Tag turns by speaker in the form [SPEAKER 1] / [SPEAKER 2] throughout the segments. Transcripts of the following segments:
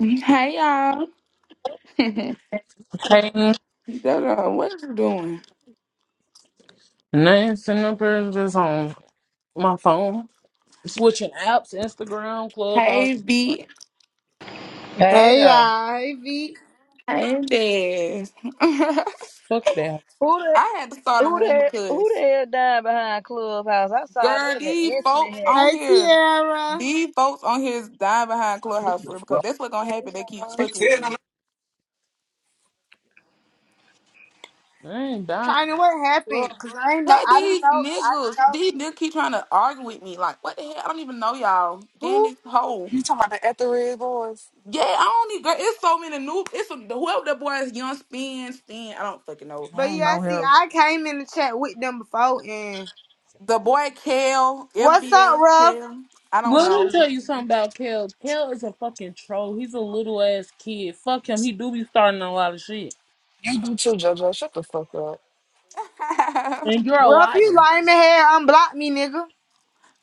[SPEAKER 1] Hey y'all. Dodo,
[SPEAKER 2] Hey,
[SPEAKER 1] what you doing?
[SPEAKER 2] nothing. Sending up here just on my phone, switching apps, Instagram,
[SPEAKER 1] Hey
[SPEAKER 2] Clubhouse.
[SPEAKER 1] B.
[SPEAKER 3] Hey
[SPEAKER 4] Hey
[SPEAKER 3] though.
[SPEAKER 4] y'all, hey V,
[SPEAKER 1] Hey Dez. I
[SPEAKER 2] Fuck that.
[SPEAKER 3] Who the
[SPEAKER 1] had to start a
[SPEAKER 3] who
[SPEAKER 1] room
[SPEAKER 3] the who the
[SPEAKER 1] because
[SPEAKER 3] hell died behind Clubhouse? I saw
[SPEAKER 1] girl,
[SPEAKER 3] that and
[SPEAKER 1] these
[SPEAKER 3] instantly
[SPEAKER 1] folks
[SPEAKER 3] had
[SPEAKER 1] on
[SPEAKER 4] hey
[SPEAKER 1] here,
[SPEAKER 4] Tiara.
[SPEAKER 1] these folks on here is dying behind
[SPEAKER 5] Hey,
[SPEAKER 1] clubhouse for real, because
[SPEAKER 5] y'all.
[SPEAKER 1] that's what's gonna happen. They keep fucking with me.
[SPEAKER 2] I ain't dying.
[SPEAKER 4] I know what
[SPEAKER 2] Bro.
[SPEAKER 4] happened, cause I didn't know,
[SPEAKER 1] How
[SPEAKER 4] I didn't
[SPEAKER 1] these
[SPEAKER 4] know, I didn't
[SPEAKER 1] niggas,
[SPEAKER 4] know
[SPEAKER 1] these niggas keep trying to argue with me. Like, what the hell? I don't even know y'all. Then
[SPEAKER 4] who.
[SPEAKER 1] this whole
[SPEAKER 5] You talking about the Etheridge boys?
[SPEAKER 1] yeah, I don't need girl. It's so many new. It's a, whoever that boy is young spin spin. I don't fucking know
[SPEAKER 4] But
[SPEAKER 5] I don't
[SPEAKER 4] yeah,
[SPEAKER 5] know
[SPEAKER 4] see,
[SPEAKER 5] him.
[SPEAKER 4] I came in the chat with them before, and
[SPEAKER 1] The boy Kale,
[SPEAKER 4] what's up,
[SPEAKER 1] FBL
[SPEAKER 4] Ruff?
[SPEAKER 1] Kale, I don't
[SPEAKER 2] Let me
[SPEAKER 1] know.
[SPEAKER 2] tell you something about Kel. Kel is a fucking troll. He's a little ass kid. Fuck him. He do be starting a lot of shit.
[SPEAKER 5] You do too, JoJo. Shut the fuck up.
[SPEAKER 2] And you're a
[SPEAKER 4] Ruff, you
[SPEAKER 2] liar.
[SPEAKER 4] lame hair, unblock me, nigga.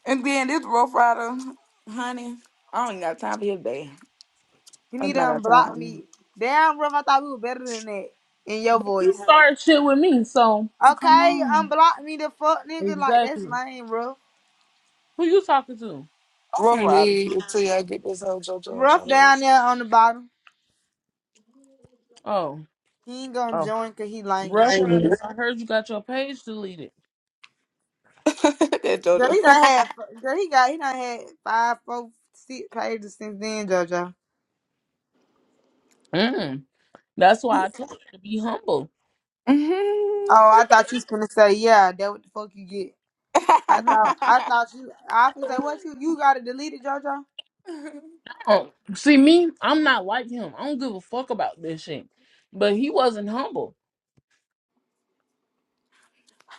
[SPEAKER 1] and then this Rough Rider, honey, I don't even got time for his day.
[SPEAKER 4] You need
[SPEAKER 1] I'm
[SPEAKER 4] to
[SPEAKER 1] not got
[SPEAKER 4] unblock
[SPEAKER 1] time.
[SPEAKER 4] me. Damn, Ruff, I thought we were better than that in your
[SPEAKER 2] You
[SPEAKER 4] voice.
[SPEAKER 2] started shit with me, so
[SPEAKER 5] Hey, come
[SPEAKER 4] Okay,
[SPEAKER 5] on.
[SPEAKER 4] unblock me the fuck, nigga. Like that's
[SPEAKER 2] exactly.
[SPEAKER 4] lame, Ruff.
[SPEAKER 2] Who you talking to?
[SPEAKER 5] I'm
[SPEAKER 1] Rough
[SPEAKER 5] finna
[SPEAKER 1] Rider.
[SPEAKER 5] leave until y'all get this whole JoJo
[SPEAKER 4] Ruff
[SPEAKER 5] out of here.
[SPEAKER 4] down there on the bottom.
[SPEAKER 2] Oh,
[SPEAKER 4] He ain't gonna
[SPEAKER 2] oh,
[SPEAKER 4] join, cause he lame.
[SPEAKER 2] reference. I heard you got your page deleted.
[SPEAKER 1] That's
[SPEAKER 4] Girl,
[SPEAKER 1] JoJo.
[SPEAKER 4] he done had. Girl, he got. He done had five, four, six pages since then, JoJo.
[SPEAKER 2] Mm, that's why I told you to be humble.
[SPEAKER 1] Mhm.
[SPEAKER 4] Oh, I thought you was gonna say, yeah, that what the fuck you get. I thought. I thought you. I was say, what you? You gotta delete it, JoJo.
[SPEAKER 2] Oh, see me, I'm not like him. I don't give a fuck about this shit. But he wasn't humble.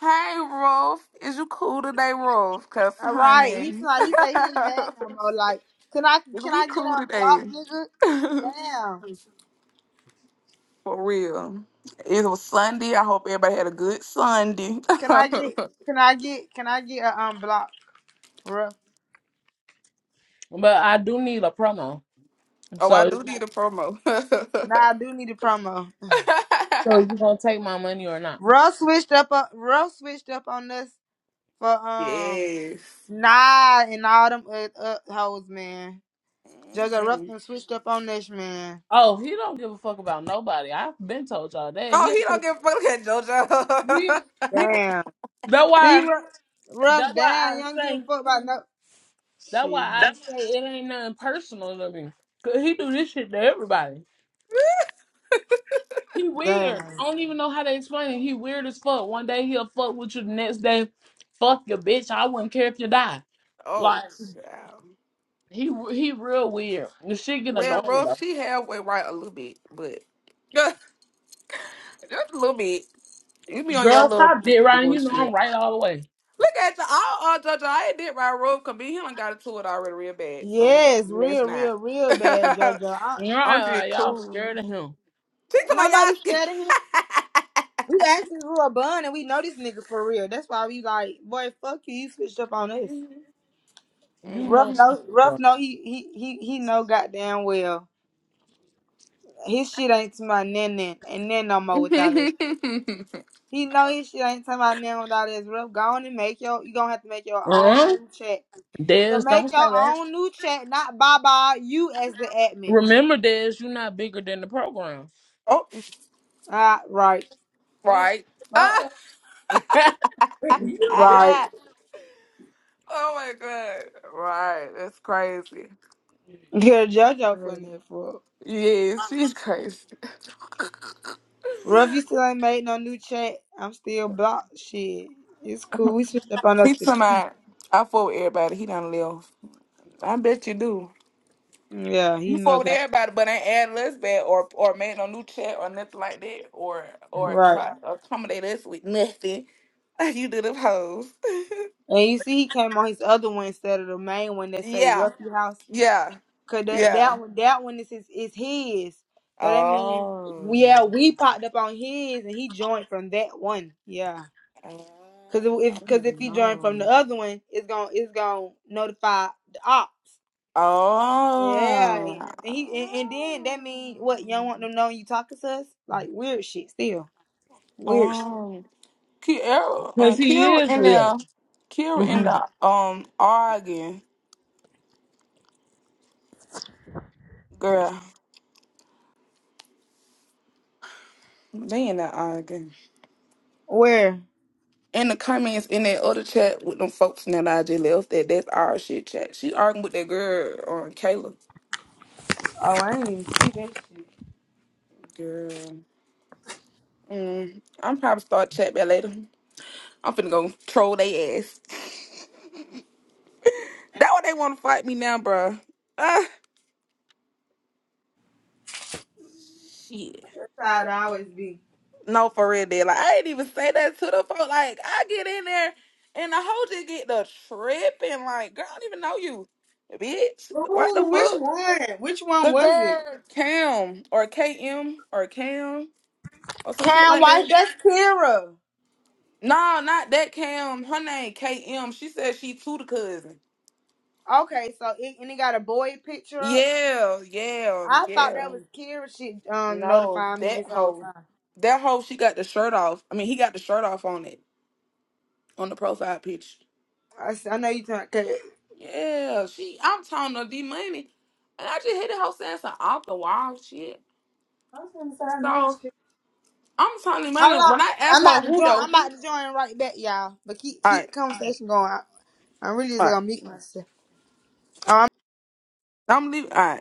[SPEAKER 1] hey, Rolf. Is you cool today, Rolf? Because,
[SPEAKER 4] All right. He's
[SPEAKER 1] honey,
[SPEAKER 4] like, he said he ain't mad no more. Like, can I?
[SPEAKER 1] is
[SPEAKER 4] Can
[SPEAKER 1] we
[SPEAKER 4] I get
[SPEAKER 1] cool today?
[SPEAKER 4] unblocked, nigga? Damn.
[SPEAKER 1] For real. It was Sunday. I hope everybody had a good Sunday.
[SPEAKER 4] Can I get? Can I get? Can I get a unblock, bro?
[SPEAKER 2] But I do need a promo.
[SPEAKER 1] Oh, I
[SPEAKER 2] So,
[SPEAKER 1] do need a promo.
[SPEAKER 4] Nah, I do need a promo.
[SPEAKER 2] so you gonna take my money or not?
[SPEAKER 4] Russ switched up. on Russ switched up on us for um.
[SPEAKER 1] yes.
[SPEAKER 4] Nah, and all them uh, uh, hoes, man. JoJo Ruff
[SPEAKER 1] hmm
[SPEAKER 4] done switched up on this, man.
[SPEAKER 2] Oh, he don't give a fuck about nobody. I've been told y'all that.
[SPEAKER 1] Oh,
[SPEAKER 2] He,
[SPEAKER 1] he don't give a fuck Look at
[SPEAKER 2] he,
[SPEAKER 1] JoJo.
[SPEAKER 2] he
[SPEAKER 4] Damn.
[SPEAKER 2] that
[SPEAKER 4] See,
[SPEAKER 2] why
[SPEAKER 4] Ruff, Ruff
[SPEAKER 2] that why
[SPEAKER 4] damn,
[SPEAKER 2] I
[SPEAKER 4] you don't give a
[SPEAKER 2] say
[SPEAKER 4] fuck about no.
[SPEAKER 2] that why
[SPEAKER 4] Shit.
[SPEAKER 2] I say it ain't nothing personal to me. Cause he do this shit to everybody. He weird.
[SPEAKER 4] Damn.
[SPEAKER 2] I don't even know how to explain it. He weird as fuck. One day he'll fuck with you. The next day, fuck your bitch. I wouldn't care if you die. Like
[SPEAKER 1] oh, child.
[SPEAKER 2] he he real weird. The shit get
[SPEAKER 1] Well,
[SPEAKER 2] annoying
[SPEAKER 1] rough,
[SPEAKER 2] though.
[SPEAKER 1] she halfway right a little bit, but just just a little bit. You be on your
[SPEAKER 2] Girl,
[SPEAKER 1] little
[SPEAKER 2] stop dick riding. You know I'm
[SPEAKER 1] bullshit.
[SPEAKER 2] right all the way.
[SPEAKER 1] Look at the all uh, JoJo. I ain't did right rough because me and him got into it already real bad. So
[SPEAKER 4] Yes,
[SPEAKER 1] let's
[SPEAKER 4] real,
[SPEAKER 1] not.
[SPEAKER 4] real, real bad, JoJo. I,
[SPEAKER 1] I'm
[SPEAKER 2] Y'all,
[SPEAKER 1] just
[SPEAKER 2] y'all
[SPEAKER 1] cool.
[SPEAKER 2] scared of him.
[SPEAKER 1] She's my y'all
[SPEAKER 4] nobody
[SPEAKER 1] skin.
[SPEAKER 4] scared of him. We actually grew a bun and we know this nigga for real. That's why we like, boy, fuck you. You switched up on us.
[SPEAKER 1] Mm-hmm.
[SPEAKER 2] You
[SPEAKER 4] Ruff
[SPEAKER 2] know.
[SPEAKER 1] Mm-hmm.
[SPEAKER 4] know,
[SPEAKER 2] Uh
[SPEAKER 4] Ruff know he he he he know goddamn well. His shit ain't to my nan nan and nan no more without us. He know his shit ain't talking about nothing without his rough. Go on and make your you gonna have to make your own
[SPEAKER 2] huh.
[SPEAKER 4] new chat. So
[SPEAKER 2] Dez, don't
[SPEAKER 4] make
[SPEAKER 2] say
[SPEAKER 4] your
[SPEAKER 2] that.
[SPEAKER 4] own new chat, not Baba, you as the admin.
[SPEAKER 2] Remember, Dez, you're not bigger than the program.
[SPEAKER 1] oh,
[SPEAKER 4] Ah, right.
[SPEAKER 2] Fuck.
[SPEAKER 1] right. Ah,
[SPEAKER 2] Fuck.
[SPEAKER 1] ah!
[SPEAKER 4] Right.
[SPEAKER 1] ah. oh my god. Right. That's crazy.
[SPEAKER 4] Yeah, JoJo
[SPEAKER 1] Mm.
[SPEAKER 4] funny as fuck.
[SPEAKER 1] Yes, she's crazy.
[SPEAKER 4] Ruff, you still ain't made no new chat. I'm still blocked. Shit. It's cool. We switched up on us
[SPEAKER 1] He's
[SPEAKER 4] for two.
[SPEAKER 1] somebody. I fought with everybody. He done left. I bet you do.
[SPEAKER 4] Yeah, he
[SPEAKER 1] You fought
[SPEAKER 4] know
[SPEAKER 1] with
[SPEAKER 4] that.
[SPEAKER 1] everybody, but ain't added us back or or made no new chat or nothing like that or or
[SPEAKER 4] Right.
[SPEAKER 1] try to accommodate us with nothing. You do them hoes.
[SPEAKER 4] And you see he came on his other one instead of the main one that say
[SPEAKER 1] Yeah.
[SPEAKER 4] Ruffy House.
[SPEAKER 1] Yeah.
[SPEAKER 4] Cause that
[SPEAKER 1] Yeah.
[SPEAKER 4] that one that one is his is his. So that means
[SPEAKER 1] Oh.
[SPEAKER 4] yeah, we popped up on his and he joined from that one. Yeah.
[SPEAKER 1] Oh,
[SPEAKER 4] Cause
[SPEAKER 1] I
[SPEAKER 4] if
[SPEAKER 1] didn't
[SPEAKER 4] cause if
[SPEAKER 1] even
[SPEAKER 4] he joined from the
[SPEAKER 1] know.
[SPEAKER 4] other one, it's gonna it's gonna notify the ops. Yeah. And
[SPEAKER 1] Oh.
[SPEAKER 4] he and, and then that means what, you don't want them knowing you talking to us? Like weird shit still. Weird shit.
[SPEAKER 1] Um, Kiera, uh,
[SPEAKER 2] Because he
[SPEAKER 1] Kiera
[SPEAKER 2] is
[SPEAKER 1] in
[SPEAKER 2] weird.
[SPEAKER 1] there, Kiera in the um arguing, girl. They in there arguing.
[SPEAKER 4] Where?
[SPEAKER 1] In the comments in that other chat with them folks now that I just left, that that's our shit chat. She arguing with that girl on um, Kayla.
[SPEAKER 4] Oh, I didn't even see that shit.
[SPEAKER 1] Girl, mm, I'm probably start chat back later. I'm finna go troll they ass. That why they want to fight me now, bro. Ah, shit.
[SPEAKER 4] That's how it always be.
[SPEAKER 1] No, for real, dead. Like I ain't even say that to the folk. Like I get in there and the hoe just get the tripping. Like girl, I don't even know you, bitch. What the
[SPEAKER 4] Ooh, which
[SPEAKER 1] fuck?
[SPEAKER 4] one? Which one
[SPEAKER 1] The
[SPEAKER 4] was it?
[SPEAKER 1] girl Cam or KM or Cam or some shit
[SPEAKER 4] Cam
[SPEAKER 1] like
[SPEAKER 4] White,
[SPEAKER 1] that.
[SPEAKER 4] that's Kira.
[SPEAKER 1] No, not that Cam. Her name KM. She said she too the cousin.
[SPEAKER 4] Okay, so it, and it got a boy picture up.
[SPEAKER 1] Yeah, yeah,
[SPEAKER 4] I thought
[SPEAKER 1] yeah.
[SPEAKER 4] that was Kira. She um
[SPEAKER 1] No,
[SPEAKER 4] notified me
[SPEAKER 1] that
[SPEAKER 4] this whole
[SPEAKER 1] hoe.
[SPEAKER 4] time.
[SPEAKER 1] That hoe, she got the shirt off. I mean, he got the shirt off on it. on the profile picture.
[SPEAKER 4] I, s- I know you talking.
[SPEAKER 1] Yeah, she. I'm talking to D Money, and I just hit her saying some off the wall shit.
[SPEAKER 4] I was gonna say I know it's
[SPEAKER 1] So
[SPEAKER 4] Kira.
[SPEAKER 1] I'm talking to
[SPEAKER 4] Hold
[SPEAKER 1] Money when
[SPEAKER 4] on,
[SPEAKER 1] I
[SPEAKER 4] I'm
[SPEAKER 1] asked her
[SPEAKER 4] about to
[SPEAKER 1] who
[SPEAKER 4] join. I'm
[SPEAKER 1] though.
[SPEAKER 4] about to join right back, y'all. But keep
[SPEAKER 1] All
[SPEAKER 4] keep the
[SPEAKER 1] right,
[SPEAKER 4] conversation going. I, I'm really just
[SPEAKER 1] all right.
[SPEAKER 4] gonna mute myself.
[SPEAKER 1] I'm leaving. All right.